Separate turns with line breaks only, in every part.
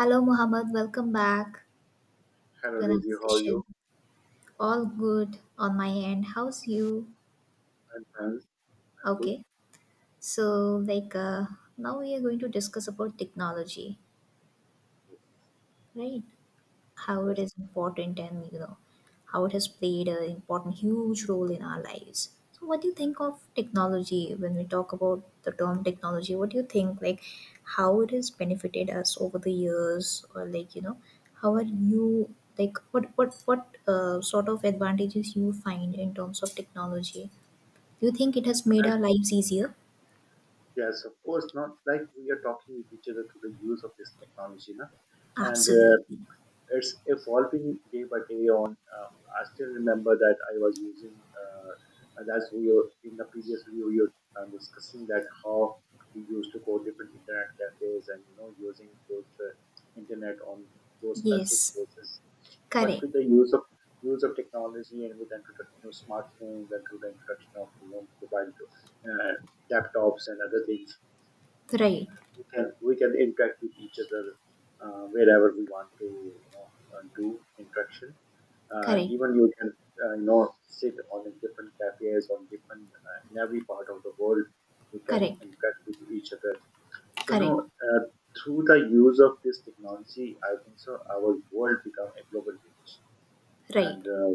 Hello, Mohammed. Welcome back to
Hello,
another
Daisy. How are
session.
you?
All good on my end. How's you?
I'm fine. I'm good.
Okay. So, like, uh, Now we are going to discuss about technology,
Yes.
right? How it
Yes.
is important and you know how it has played an important huge role in our lives. So what do you think of technology? When we talk about the term technology, what do you think, like how it has benefited us over the years, or like you know how are you like what sort of advantages you find in terms of technology? Do you think it has made
And
our lives easier?
Yes, of course, not like we are talking with each other through the use of this technology, na? And
Absolutely.
it's evolving day by day on I still remember that I was using and as we were in the previous video we were discussing that how we used to go different internet cafes and using those internet on those specific
Yes.
places. But
Correct.
with the use of technology and with the introduction of smartphones and through the introduction of you know mobile to, uh, laptops and other things,
Right.
we can interact with each other wherever we want to you know do interaction.
Correct.
Even you can you know sit on a different cafes on different in every part of the world, you can
Correct.
interact with each other. So you know
Correct.
uh, through the use of this technology I think so our world become a global village.
Right.
And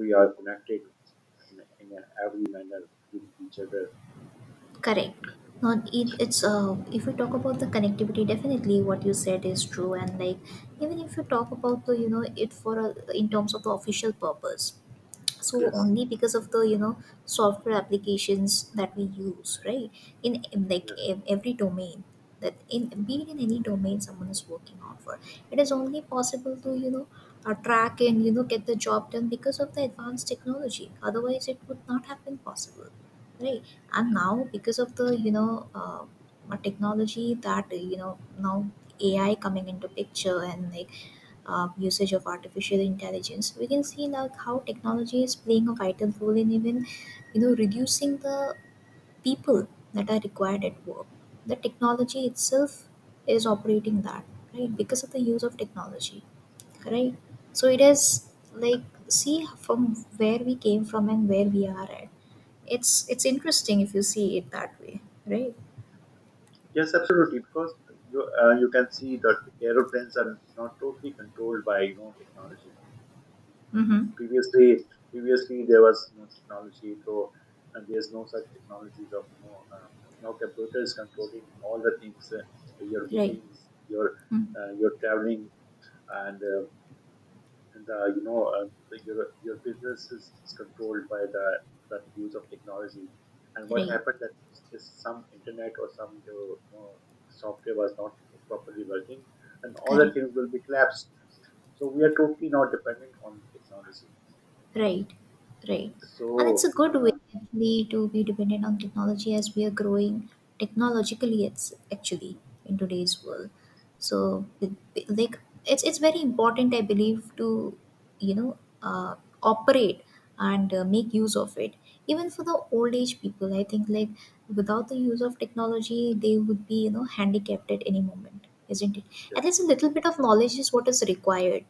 we are connected in every manner with each other.
Correct. Not it, it's if we talk about the connectivity, definitely what you said is true. And like even if you talk about the you know it for a, in terms of the official purpose, so
Yes.
only because of the you know software applications that we use, right, in like every domain, that in being in any domain someone is working on for, it is only possible to track and you know get the job done because of the advanced technology, otherwise it would not have been possible, right? And now because of the technology that you know now AI coming into picture, and like usage of artificial intelligence we can see like how technology is playing a vital role in even you know reducing the people that are required at work. The technology itself is operating that, right? Because of the use of technology, right? So it is like, see from where we came from and where we are at, it's interesting if you see it that way, right?
Yes, absolutely. Because you can see that aeroplanes are not totally controlled by you know technology.
Mm-hmm.
Previously, previously, there was no technology, so there's no such technologies of you know now computers controlling all the things, your
Right.
bookings,
Mm.
your traveling, and uh, and you know the, your business is controlled by the use of technology. And what
Right.
happened that is some internet or some you know software was not properly working and all the
Correct.
things will be collapsed. So we are totally not dependent on technology.
Right, right. And it's a
So
good way actually to be dependent on technology as we are growing technologically. It's actually in today's
yes.
world. Like it's very important, I believe, to you know uh, operate and make use of it. Even for the old age people, I think like without the use of technology, they would be you know handicapped at any moment, isn't it? At least
Yes.
a little bit
Yes.
of knowledge is what is required,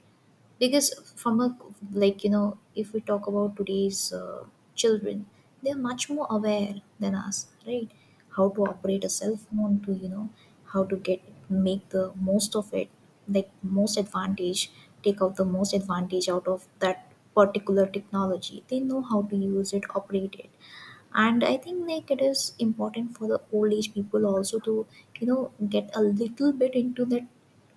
because from a like you know if we talk about today's children, they're much more aware than us, right? How to operate a
Yes.
cell phone to you know how to get make the most of it, like most advantage, take out the most advantage out of that particular technology. They know how to use it, operate it. And I think like it is important for the old age people also to you know get a little bit into that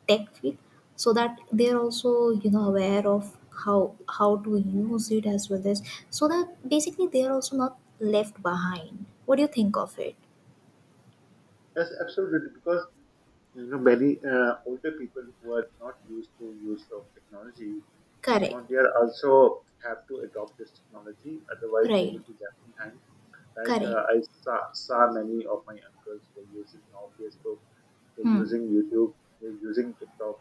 tech field, so that they're also you know aware of how to use it as well as, so that basically they're also not left behind. What do you think of it?
Yes, absolutely. Because you know many older people who are not used to use of technology. Now
Correct.
they are also have to adopt this technology, otherwise they
Right.
will be left behind. Like
Correct.
I saw many of my uncles were using now Facebook, they're
Hmm.
using YouTube, they're using TikTok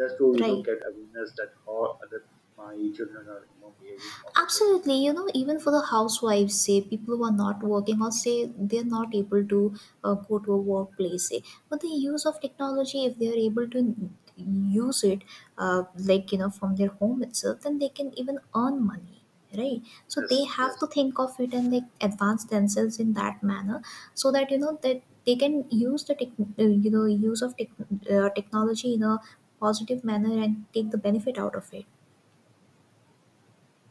just to you know
Right.
get awareness that how other my children are you know behaving on the social
Absolutely, you
media.
know, even for the housewives, say people who are not working or say they're not able to go to a workplace, say, but the use of technology, if they are able to use it, like you know, from their home itself, then they can even earn money, right? So they
Yes,
have
yes,
to think of it and like advance themselves in that manner, so that you know that they can use the tech, you know, use of tech, technology in a positive manner and take the benefit out of it.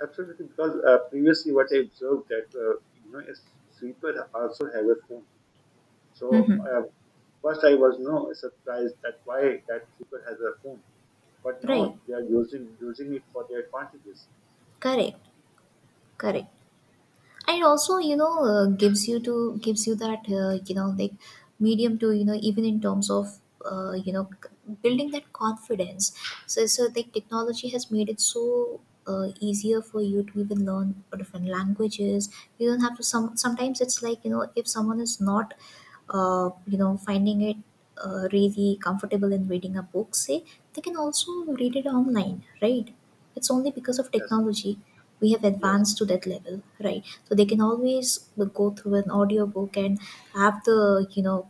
absolutely. Because previously what I observed that you know a sweeper also have a phone. So
Hmm.
first I was no surprised that why that sweeper has a phone. But
Right,
no, they are using it for their advantages.
correct. Correct. And also, you know, gives you that you know like medium to you know even in terms of you know building that confidence. So so like technology has made it so. Easier for you to even learn different languages. You don't have to, sometimes it's like you know if someone is not you know finding it really comfortable in reading a book, say, they can also read it online, right? It's only because of
Yes,
technology we have
yes.
advanced to that level, right? So they can always go through an audiobook and have the you know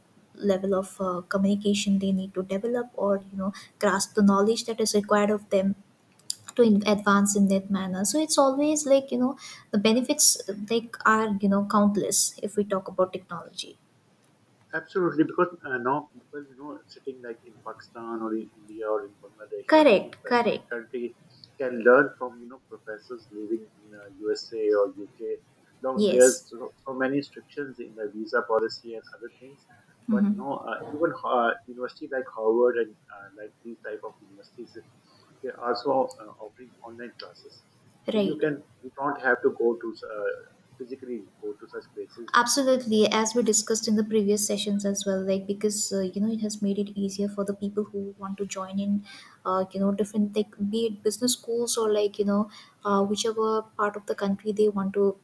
level of communication they need to develop, or you know grasp the knowledge that is required of them to advance in that manner. So it's always like you know the benefits like are you know countless if we talk about technology.
Absolutely, because now people, you know, sitting like in Pakistan or in India or in Bangladesh or any
Correct.
well-
Correct.
country can learn from, you know, professors living in USA or UK. Now, there's
Yes.
so many restrictions in the visa policy and other things. But
Hmm.
no, even university like Harvard and like these type of universities, they are also offering online classes. So you
Right.
can you don't have to go to physically go to such places.
Absolutely, as we discussed in the previous sessions as well, like because you know it has made it easier for the people who want to join in, you know, different, like be it business schools or like you know, whichever part of the country they want to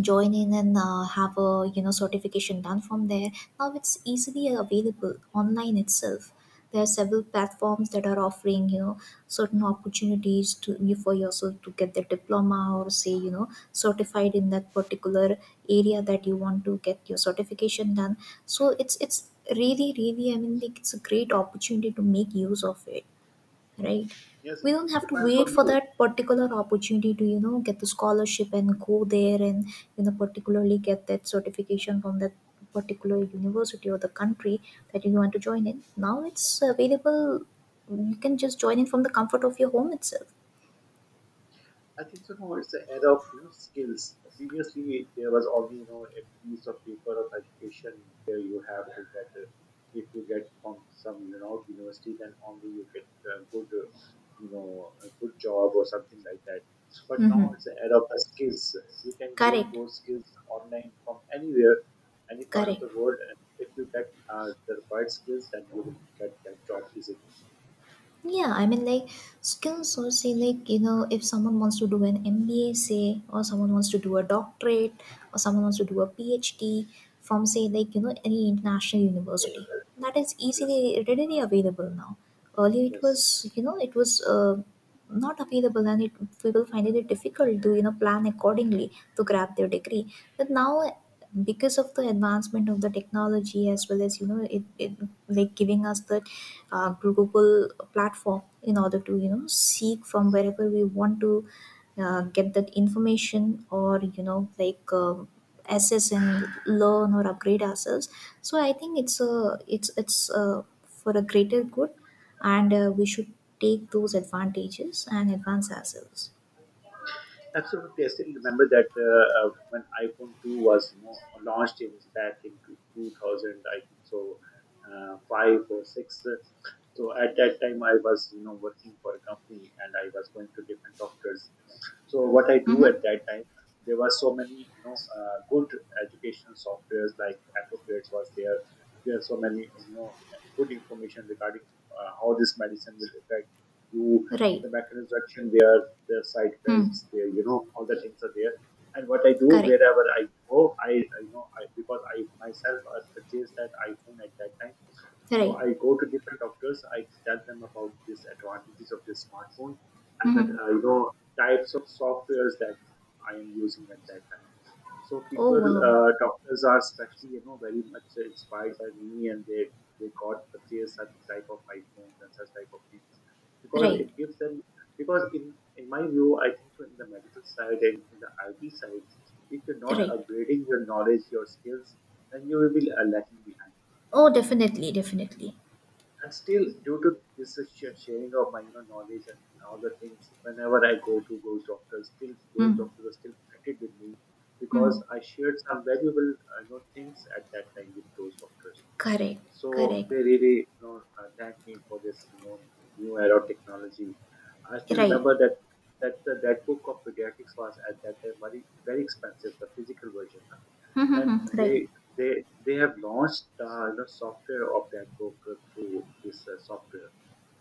join in and have a you know certification done from there. Now it's easily available online itself. There are several platforms that are offering you know certain opportunities to you for yourself to get the diploma or say you know certified in that particular area that you want to get your certification done. So it's really, I mean like it's a great opportunity to make use of it, right?
Yes, it
We don't have to
depends
wait
on
for
you.
that particular opportunity to you know get the scholarship and go there and you know particularly get that certification from that particular university or the country that you want to join in. Now it's available. You can just join in from the comfort of your home itself.
I think so. Now it's the era of you know skills. Previously, there was only you know a piece of paper of education where you have to get if you get from some you know university, then only you get a good you know a good job or something like that. But
Mm-hmm.
now it's the era of the skills. You can gain
Correct.
those skills online from anywhere, any part of
Correct.
the world, and if you get the required skills, then you will get that job easily.
Yeah, I mean, like, skills or say, like, you know, if someone wants to do an MBA, say, or someone wants to do a doctorate, or someone wants to do a PhD from, say, like, you know, any international university, that is
Yes,
easily, readily available now. Earlier, it
yes.
was, you know, it was not available, and it, people find it difficult to, you know, plan accordingly to grab their degree. But now, because of the advancement of the technology as well as, you know, it like giving us the global platform in order to you know seek from wherever we want to get that information or you know like assess and learn or upgrade ourselves. So I think it's for a greater good, and we should take those advantages and advance ourselves.
Absolutely, I still remember that when iPhone 2 was you know launched in back in 2000, I think so five or six. So at that time, I was you know working for a company and I was going to different doctors. So what I do
Mm-hmm.
at that time, there were so many you know good educational softwares like Appropriates was there. There are so many you know good information regarding how this medicine will affect you,
Right.
the mechanics direction, their side
Hmm.
beds, their you know all the things are there. And what I do
Correct.
wherever I go, I you know I because I myself had purchased that iPhone at that time. So
Right.
I go to different doctors. I tell them about these advantages of this smartphone and that
Mm-hmm.
you know types of softwares that I am using at that time. So
Oh
people,
wow.
doctors are especially you know very much inspired by me, and they got purchase such type of iPhones and such type of things because
Right.
it gives them because in my view, I think so in the medical side and in the IT side, if you're not
Right.
upgrading your knowledge, your skills, then you will be lacking behind.
Oh, definitely, definitely.
And still due to this sharing of my you know knowledge and all the things whenever I go to those doctors, still those
Hmm.
doctors are still connected with me
Hmm.
because I shared some valuable you know things at that time with those doctors.
Correct,
So
correct.
they really you know thank me for this you know new era of technology. I still
Right.
remember that that that book of pediatrics was at that time very very expensive, the physical version, no?
Hmm, hmm,
Then
hmm. Right.
they they have launched the software of that book through this software.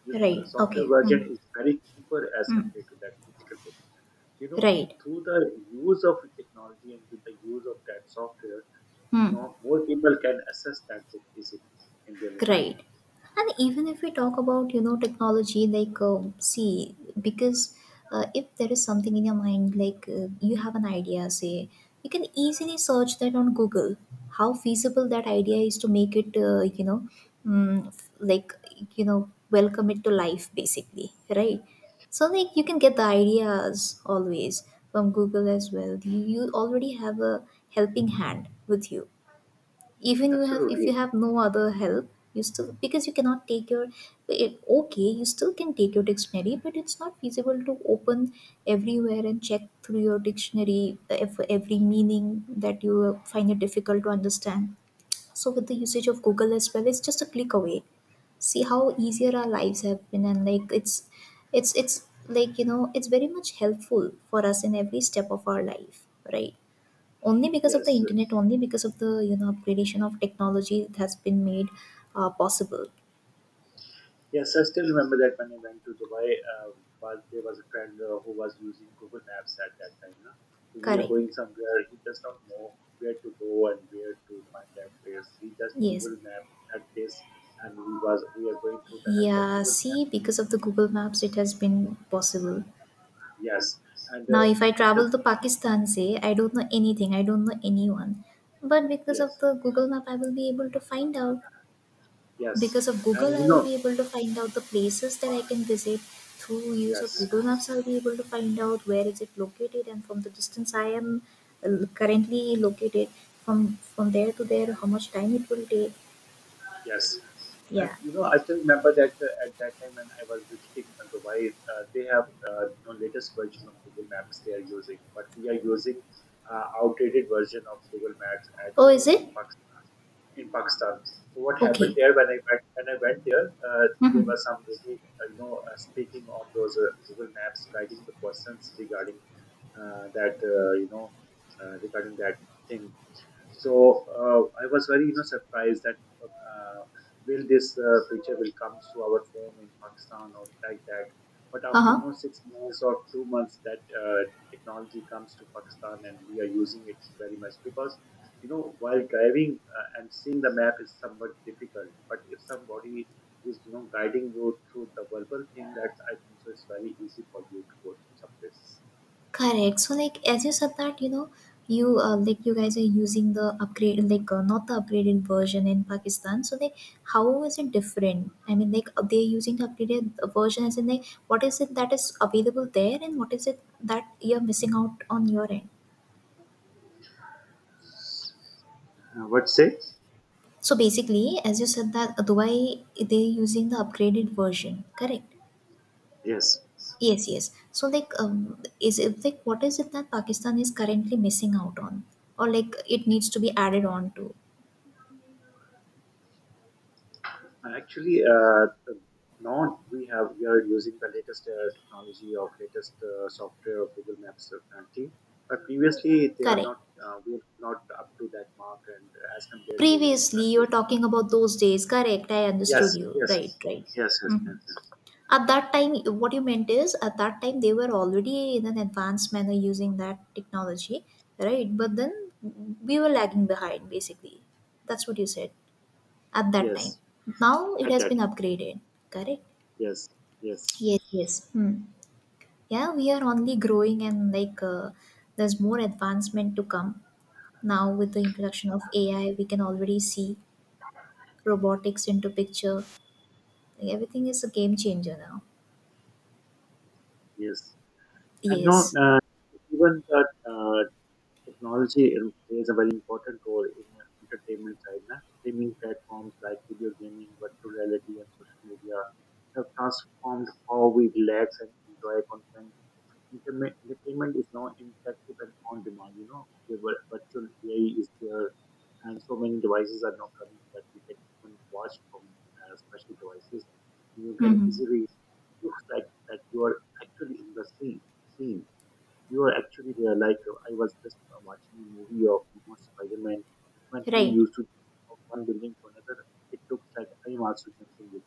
This
Right.
software
Okay.
version
Hmm,
is very cheaper as
hmm,
compared to that physical book. You know,
right.
through the use of technology and with the use of that software,
Hmm.
now more people can access that book easily in their mobile
Great.
phones.
And even if we talk about, you know, technology, like, see, because if there is something in your mind, like you have an idea, say, you can easily search that on Google. How feasible that idea is to make it, you know, like, you know, welcome it to life, basically, right? So, like, you can get the ideas always from Google as well. You already have a helping hand with you. Even you have, if you
Absolutely,
have no other help, you still, because you cannot take your it, okay you still can take your dictionary but it's not feasible to open everywhere and check through your dictionary for every meaning that you find it difficult to understand. So with the usage of Google as well, it's just a click away. See how easier our lives have been, and like it's like you know it's very much helpful for us in every step of our life, right? Only because of the
yes.
internet, only because of the you know upgradation of technology that has been made possible.
Yes, I still remember that when I went to Dubai, there was a friend who was using Google Maps at that time. Na? So we are
Correct.
going somewhere, he does not know where to go and where to find that place. He just
Yes.
Google Map that place, and we are going through the help of
Yeah.
Google Map.
See, because of the Google Maps, it has been possible.
Yes, and
Now,
uh,
if I
and the,
travel to Pakistan, say I don't know anything, I don't know anyone, but because of
yes,
the Google Map, I will be able to find out.
yes,
Because of Google,
and you
I will
know,
be able to find out the places that I can visit. Through use
yes.
of Google Maps, I'll be able to find out where is it located, and from the distance I am currently located, from there to there, how much time it will take.
Yes. And
Yeah.
you know, I still remember that at that time when I was visiting Dubai, they have you know, latest version of Google Maps they are using, but we are using outdated version of Google Maps at
Oh, is
in
it
Pakistan. In Pakistan. So what happened
okay?
there when I went there, there
Mm-hmm.
was some lady you know speaking on those Google Maps, guiding the persons regarding that you know regarding that thing. So I was very you know surprised that uh, will this feature will come to our phone in Pakistan or like that. But
Uh
after
huh.
you know 6 months or 2 months that technology comes to Pakistan and we are using it very much because you know while driving and seeing the map is somewhat difficult, but if somebody is you know guiding you through the verbal thing, that I think so it's very easy for you to go to some places.
Correct. So, like as you said that, you know, you like you guys are using the upgrade, like not the upgraded version in Pakistan. So, like how is it different? I mean, like they're using the upgraded version, as in like what is it that is available there, and what is it that you're missing out on your end?
What say?
So basically, as you said that Dubai, they're using the upgraded version. Correct.
Yes.
Yes, yes. So like, is it like what is it that Pakistan is currently missing out on, or like it needs to be added on to?
Actually, now we have we are using the latest technology of latest software of Google Maps currently. But previously, they are
Correct.
not we are not up to that mark, and as compared to you know
Previously, you were
countries. Like,
talking about those days, correct? I
yes,
understood you.
yes,
Right, right.
yes, yes, yes,
Mhm.
yes,
At that time, what you meant is at that time they were already in an advanced manner using that technology, right? But then we were lagging behind, basically. That's what you said at that time.
yes.
Now it
At
has
that
been
time.
upgraded, correct?
Yes, yes,
Yes, yes. Hmm. Yeah, we are only growing and there's more advancement to come. Now with the introduction of AI, we can already see robotics into picture. Like, everything is a game changer now.
yes. And now
Yes.
even that technology plays a very important role in the entertainment side. Na? Streaming platforms like video gaming, virtual reality, and social media have transformed how we relax and enjoy content. Entertainment is now interactive and on demand. You know, the virtual AI is there, and so many devices are now coming that you can even watch from special devices. You can
Mm-hmm.
easily looks like that you are actually in the scene. Scene you were actually there. Like I was just watching a movie of you know, Spider-Man when he
Right.
used to jump from one building to another. It looks like I am also jumping with.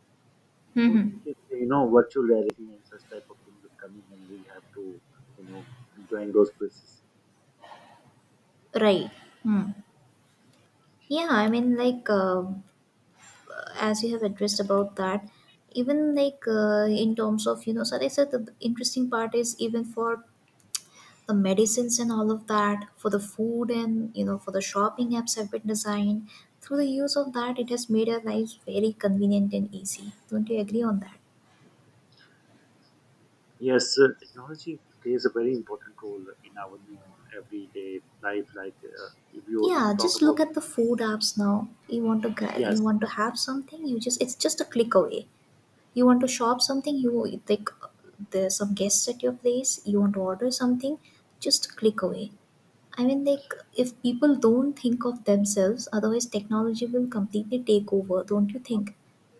So in
Mm-hmm.
case you know virtual reality and such type of things is coming, and we have to you know join those places.
Right. Mm. Yeah, I mean, as you have addressed about that, even in terms of, so they said the interesting part is even for the medicines and all of that, for the food and, for the shopping apps have been designed. Through the use of that, it has made our lives very convenient and easy. Don't you agree on that?
Yes, technology plays a very important role in our you know, everyday life. Like if you if
Yeah,
you talk
just look
about
at the food apps now. You want to you
yes,
want to have something, you just it's just a click away. You want to shop something, you think there's some guests at your place, you want to order something, just click away. I mean, like, if people don't think of themselves, otherwise technology will completely take over, don't you think?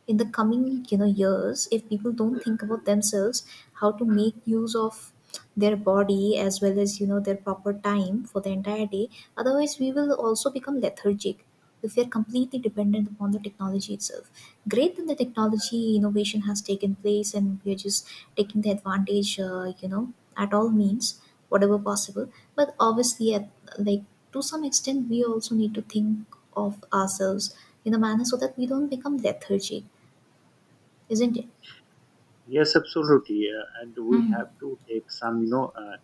In the coming, years, if people don't think about themselves, how to make use of their body as well as, their proper time for the entire day, otherwise we will also become lethargic if we are completely dependent upon the technology itself. Great that the technology innovation has taken place and we are just taking the advantage, at all means, whatever possible. But obviously, like to some extent, we also need to think of ourselves in a manner so that we don't become lethargic, isn't it?
yes, absolutely, and we
Mm.
have to take some you know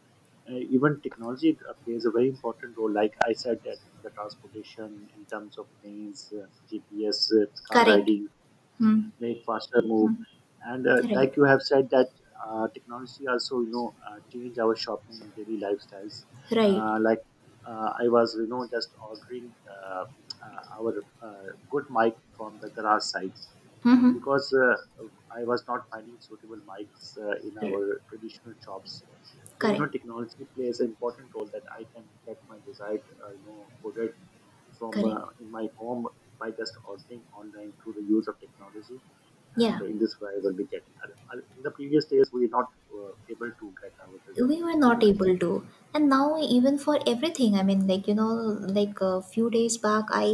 even technology plays a very important role. Like I said, that in the transportation, in terms of planes, GPS, car
Correct.
riding,
Mm.
make faster move,
Mm.
and
Right.
like you have said that technology also you know change our shopping and daily lifestyles.
Right.
Like I was you know just ordering our uh, good mic from the garage side and
Mm-hmm.
because I was not finding suitable mics in our traditional shops. So you know,
Correct.
technology plays an important role that I can get my desired product from
Correct.
in my home by just ordering online through the use of technology. And
Yeah.
in this way, I will be getting in the previous days, we were not able to get our desired
We were not
products.
able to, and now, even for everything, I mean, like a few days back, I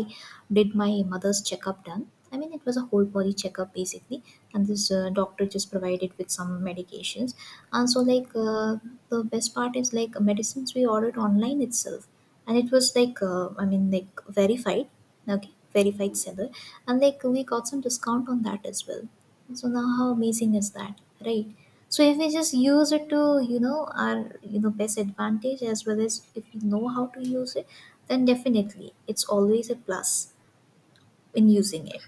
did my mother's checkup done. I mean, it was a whole body checkup basically, and this doctor just provided with some medications. And so the best part is, like, medicines we ordered online itself, and it was I mean, like, verified, okay, verified seller, and like we got some discount on that as well. So now, how amazing is that, right? So if we just use it to, you know, our best advantage as well as if we know how to use it, then definitely it's always a plus in using it.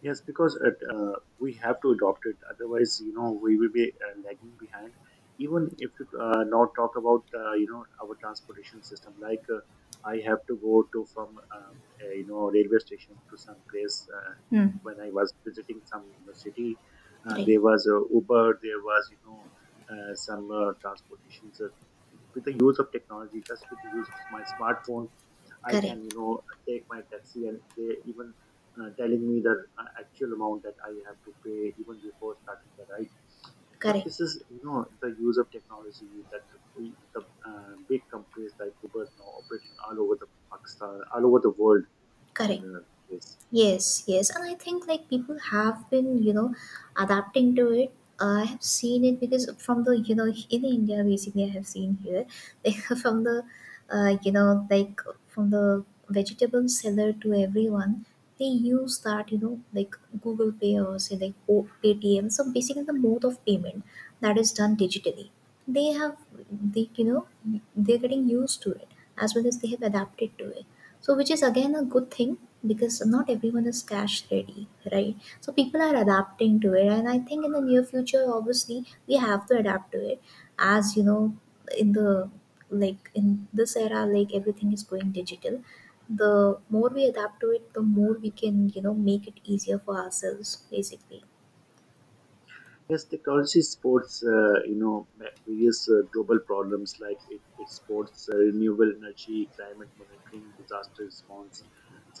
Yes, because we have to adopt it. Otherwise, you know, we will be lagging behind. Even if you now talk about our transportation system, I have to go to a, you know, railway station to some place.
Hmm.
When I was visiting some you know, city,
Right.
there was Uber, there was, you know, some transportations. With the use of technology, just with the use of my smartphone, I can, you
Correct.
know, take my taxi and they even telling me the actual amount that I have to pay even before starting the ride. So
Correct.
this is you know the use of technology that we the big companies like Uber now operating all over the Pakistan, all over the world on
Correct.
uh, this.
Yes, yes, and I think like people have been, you know, adapting to it. I have seen it because from the, you know, in India basically, I have seen here, like from the, like from the vegetable seller to everyone, they use that, you know, like Google Pay or say like Paytm. So basically, the mode of payment that is done digitally. They have, they, you know, they're getting used to it as well as they have adapted to it, so, which is again a good thing because not everyone is cash ready, right? So, people are adapting to it, and I think in the near future, obviously, we have to adapt to it. As you know, in the like in this era, like everything is going digital. The more we adapt to it, the more we can, you know, make it easier for ourselves, basically.
Yes, technology supports, you know, various global problems like it supports renewable energy, climate monitoring, disaster response,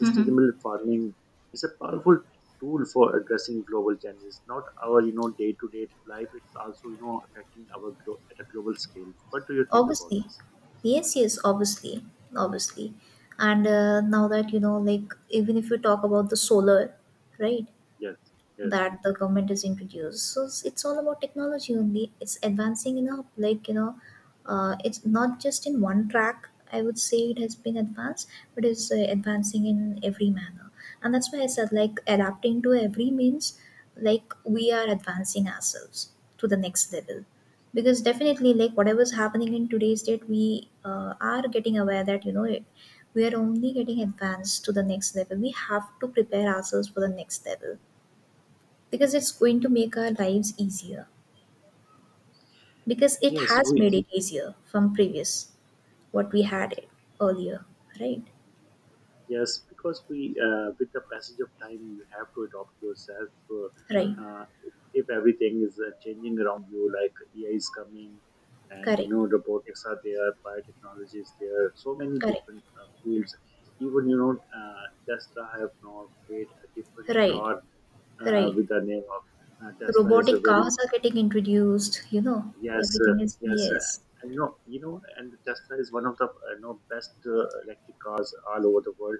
Hmm.
farming. It's a powerful tool for addressing global challenges. Not our, you know, day-to-day life. It's also, you know, affecting our at a global scale. What do you think about
Obviously,
this?
yes, yes, obviously, obviously. And now that, you know, like, even if you talk about the solar, right?
Yes, yes,
That the government is introduced. So it's all about technology only. It's advancing in a, like, you know, it's not just in one track. I would say it has been advanced, but it's advancing in every manner, and that's why I said like adapting to every means, like we are advancing ourselves to the next level, because definitely, like, whatever's happening in today's date, we are getting aware that, you know, it, we are only getting advanced to the next level. We have to prepare ourselves for the next level because it's going to make our lives easier, because it
yes.
has
We
made it easier from previous what we had it earlier, right?
Yes, because with the passage of time, you have to adopt yourself.
Right.
If everything is changing around you, like AI is coming, and you
Correct.
know robotics are there, biotechnology is there, so many
Correct.
different fields. Even you know Tesla have now made a different
Right.
car
Right.
with the name of Tesla is a
Robotic
very
cars are getting introduced, you know.
yes,
Everything is,
yes,
yes.
and you know, and the Tesla is one of the best electric cars all over the world,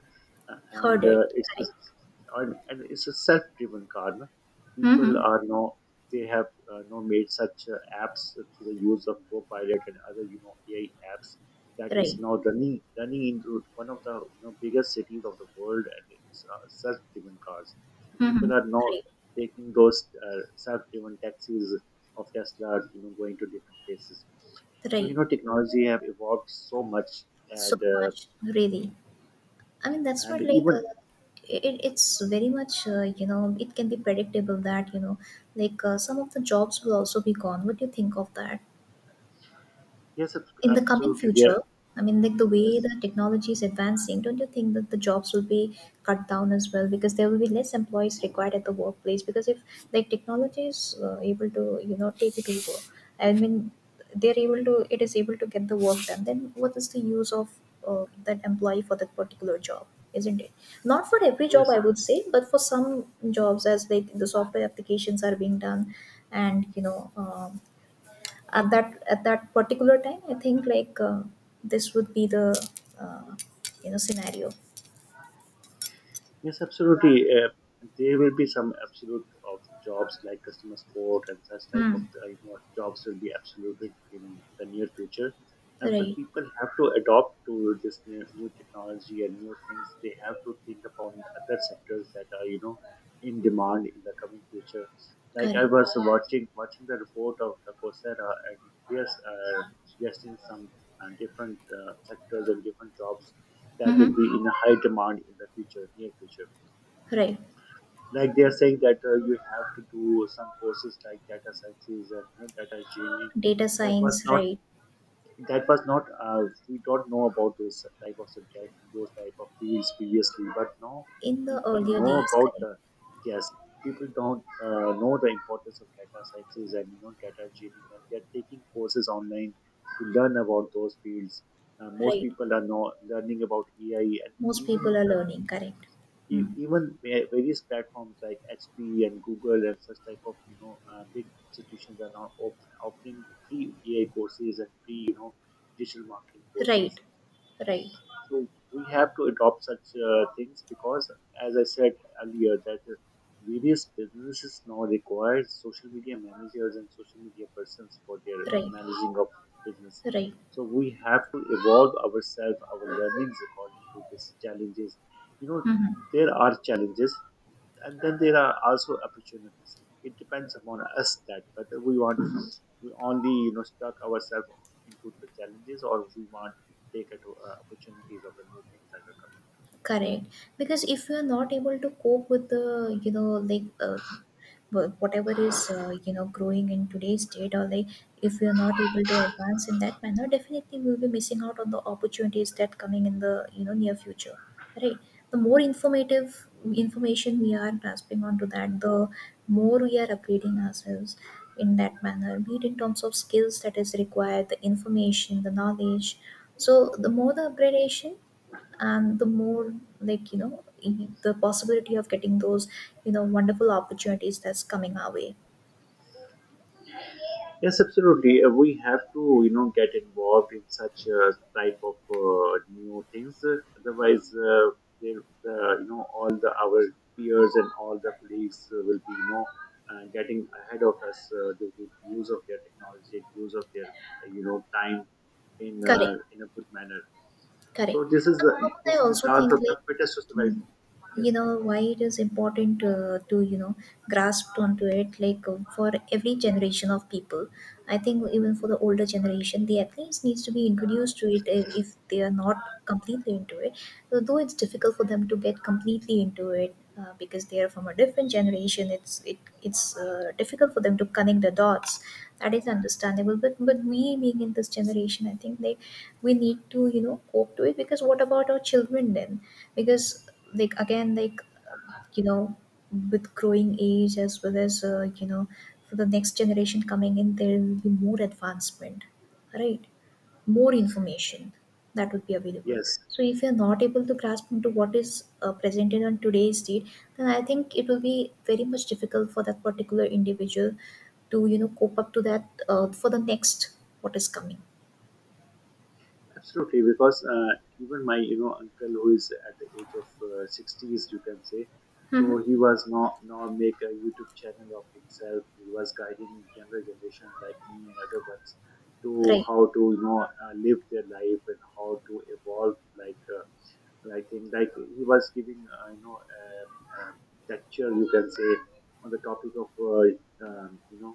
uh, and
Heard it.
uh, it's
Correct.
just- and it's a self-driven car. No? People are now they have made such apps through the use of Copilot and other you know AI apps that
Right.
is now running into one of the you know biggest cities of the world, and it's self-driven cars, and
Hmm.
people are now
Right.
taking those self-driven taxis of Tesla, you know, going to different places. So
Right.
you know, technology have evolved so much,
So
and uh,
much, really. I mean, that's
and
what like
even
it's very much you know, it can be predictable that, you know, some of the jobs will also be gone. What do you think of that?
yes,
In the coming
absolutely, there,
future, I mean, like the way
yes,
the technology is advancing, don't you think that the jobs will be cut down as well? Because there will be less employees required at the workplace. Because if like technology is able to, you know, take it over, I mean, it is able to get the work done. Then what is the use of that employee for that particular job? Isn't it? Not for every job,
yes,
I would say, but for some jobs, as like the software applications are being done, and you know, at that at that particular time, I think this would be the uh, you know, scenario.
yes, absolutely. There will be some absolute of jobs like customer support and such type of
Hmm.
jobs will be absoluted in the near future. And but
Right.
people have to adopt to this new, new technology and new things. They have to think upon other sectors that are you know in demand in the coming future. Like I
Correct.
was watching the report of the Coursera, and yes, suggesting some different sectors and different jobs that will
Mm-hmm.
be in a high demand in the future, near future.
Right.
Like they are saying that you have to do some courses like data sciences and you know, data engineering.
Data
That was
science,
not.
right.
That was not. We don't know about those type of subjects and those type of fields previously, but now
In the
people
earlier
know
days,
about
correct.
the. Yes, people don't know the importance of data sciences and you know data engineering, and they are taking courses online to learn about those fields. Most
Right.
people are now learning about AI and
Most
even
people are
the
learning, correct. Hmm.
even various platforms like HP and Google and such type of you know big institutions are now offering free AI courses and free you know digital marketing
Right.
courses.
Right.
So we have to adopt such things because, as I said earlier, that various businesses now require social media managers and social media persons for their
Right.
managing of business.
Right.
So we have to evolve ourselves, our learnings according to these challenges. You know,
Mm-hmm.
there are challenges, and then there are also opportunities. It depends upon us that whether we want we only you know stuck ourselves into the challenges or we want to take it to, opportunities of the new things that are coming into us.
Correct. Because if you're not able to cope with the, you know, whatever is, you know, growing in today's date, or like if we are not able to advance in that manner, definitely we'll be missing out on the opportunities that coming in the, you know, near future. Right. The more informative information we are grasping onto that, the more we are upgrading ourselves in that manner, be it in terms of skills that is required, the information, the knowledge. So the more the upgradation, and the more, like, you know, the possibility of getting those, you know, wonderful opportunities that's coming our way.
Yes, absolutely. We have to, you know, get involved in such type of new things. Otherwise, there, you know, all the our peers and all the colleagues will be, you know, getting ahead of us due to use of their technology, use of their time
Correct.
in a good manner.
Correct.
So
And Mohammed, I
this is the
also
chance
think
of the
like
fittest to survive.
you,
Yes.
you know why it is important to you know grasp onto it. Like for every generation of people, I think even for the older generation, the athletes needs to be introduced to it if they are not completely into it. So though it's difficult for them to get completely into it. Because they are from a different generation, it's difficult for them to connect the dots. That is understandable. But we being in this generation, I think they we need to, you know, cope to it, because what about our children then, because like again like you know, with growing age as well as, you know, for the next generation coming in, there will be more advancement, right? More information that would be available.
Yes.
So if you're not able to grasp into what is presented on today's date, then I think it will be very much difficult for that particular individual to, you know, cope up to that for the next what is coming.
Absolutely, because even my you know uncle who is at the age of 60s, you can say, so
Hmm.
he was now make a YouTube channel of himself. He was guiding younger generation like me and other ones to
Right.
how to you know live their life and how to evolve like. Like in like he was giving you know a lecture you can say on the topic of you know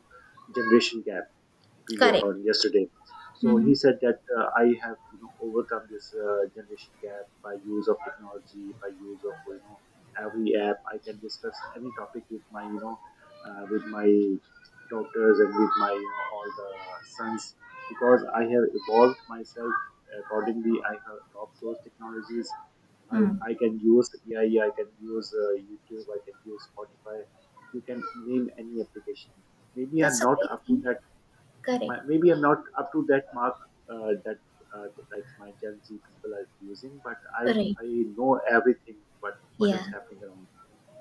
generation gap previous
Correct.
on yesterday. So
Mhm.
he said that I have you know overcome this generation gap by use of technology, by use of you know every app. I can discuss any topic with my you know with my doctors and with my you know, all the sons because I have evolved myself accordingly. I have adopted those technologies. I,
Mm.
I can use AI, I can use YouTube, I can use Spotify. You can name any application. Maybe I'm
That's a
not
great
up to
thing.
that.
Correct.
Maybe I'm not up to that mark uh, that that, like my Gen Z people are using, but I
Right.
I know everything. What is
Yeah.
happening around?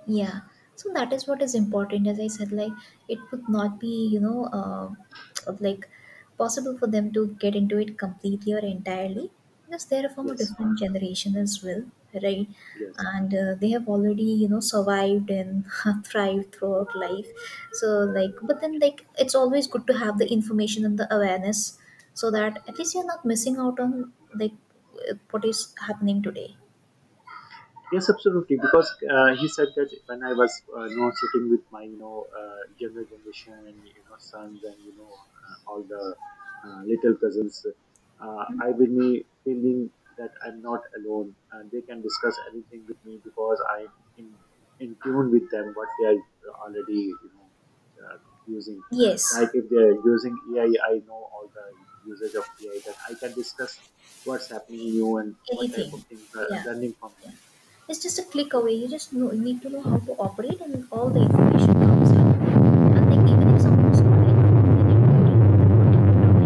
Yeah. So that is what is important. As I said, like it would not be, you know, like possible for them to get into it completely or entirely because they are from a
Yes,
different generation as well, right?
yes.
And they have already, you know, survived and thrived throughout life. So, like, but then, like, it's always good to have the information and the awareness so that at least you're not missing out on, like, what is happening today.
Yes, absolutely. Because he said that when I was, you know, sitting with my, you know, younger generation and you know sons and you know all the little cousins,
Hmm?
I will be feeling that I'm not alone. They can discuss anything with me because I'm in tune with them what they are already, you know, uh, using. Like
Yes.
if they are using AI, I know all the usage of AI that I can discuss what's happening to you and what type of
Anything.
things are
Yeah.
learning from
Yeah.
them
It's just a click
so,
away. You just know, need to know how to operate, and all the information comes in. And then even if someone's not in, they can go to that particular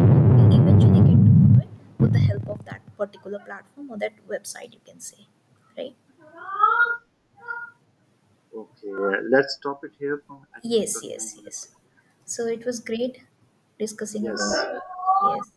topic and they eventually get to know it with the help of that particular platform or that website, you can say. Right?
okay, let's stop it here. For, I think it's
Yes,
29
yes,
minutes.
yes. So it was great discussing
Yes.
about it. Yes.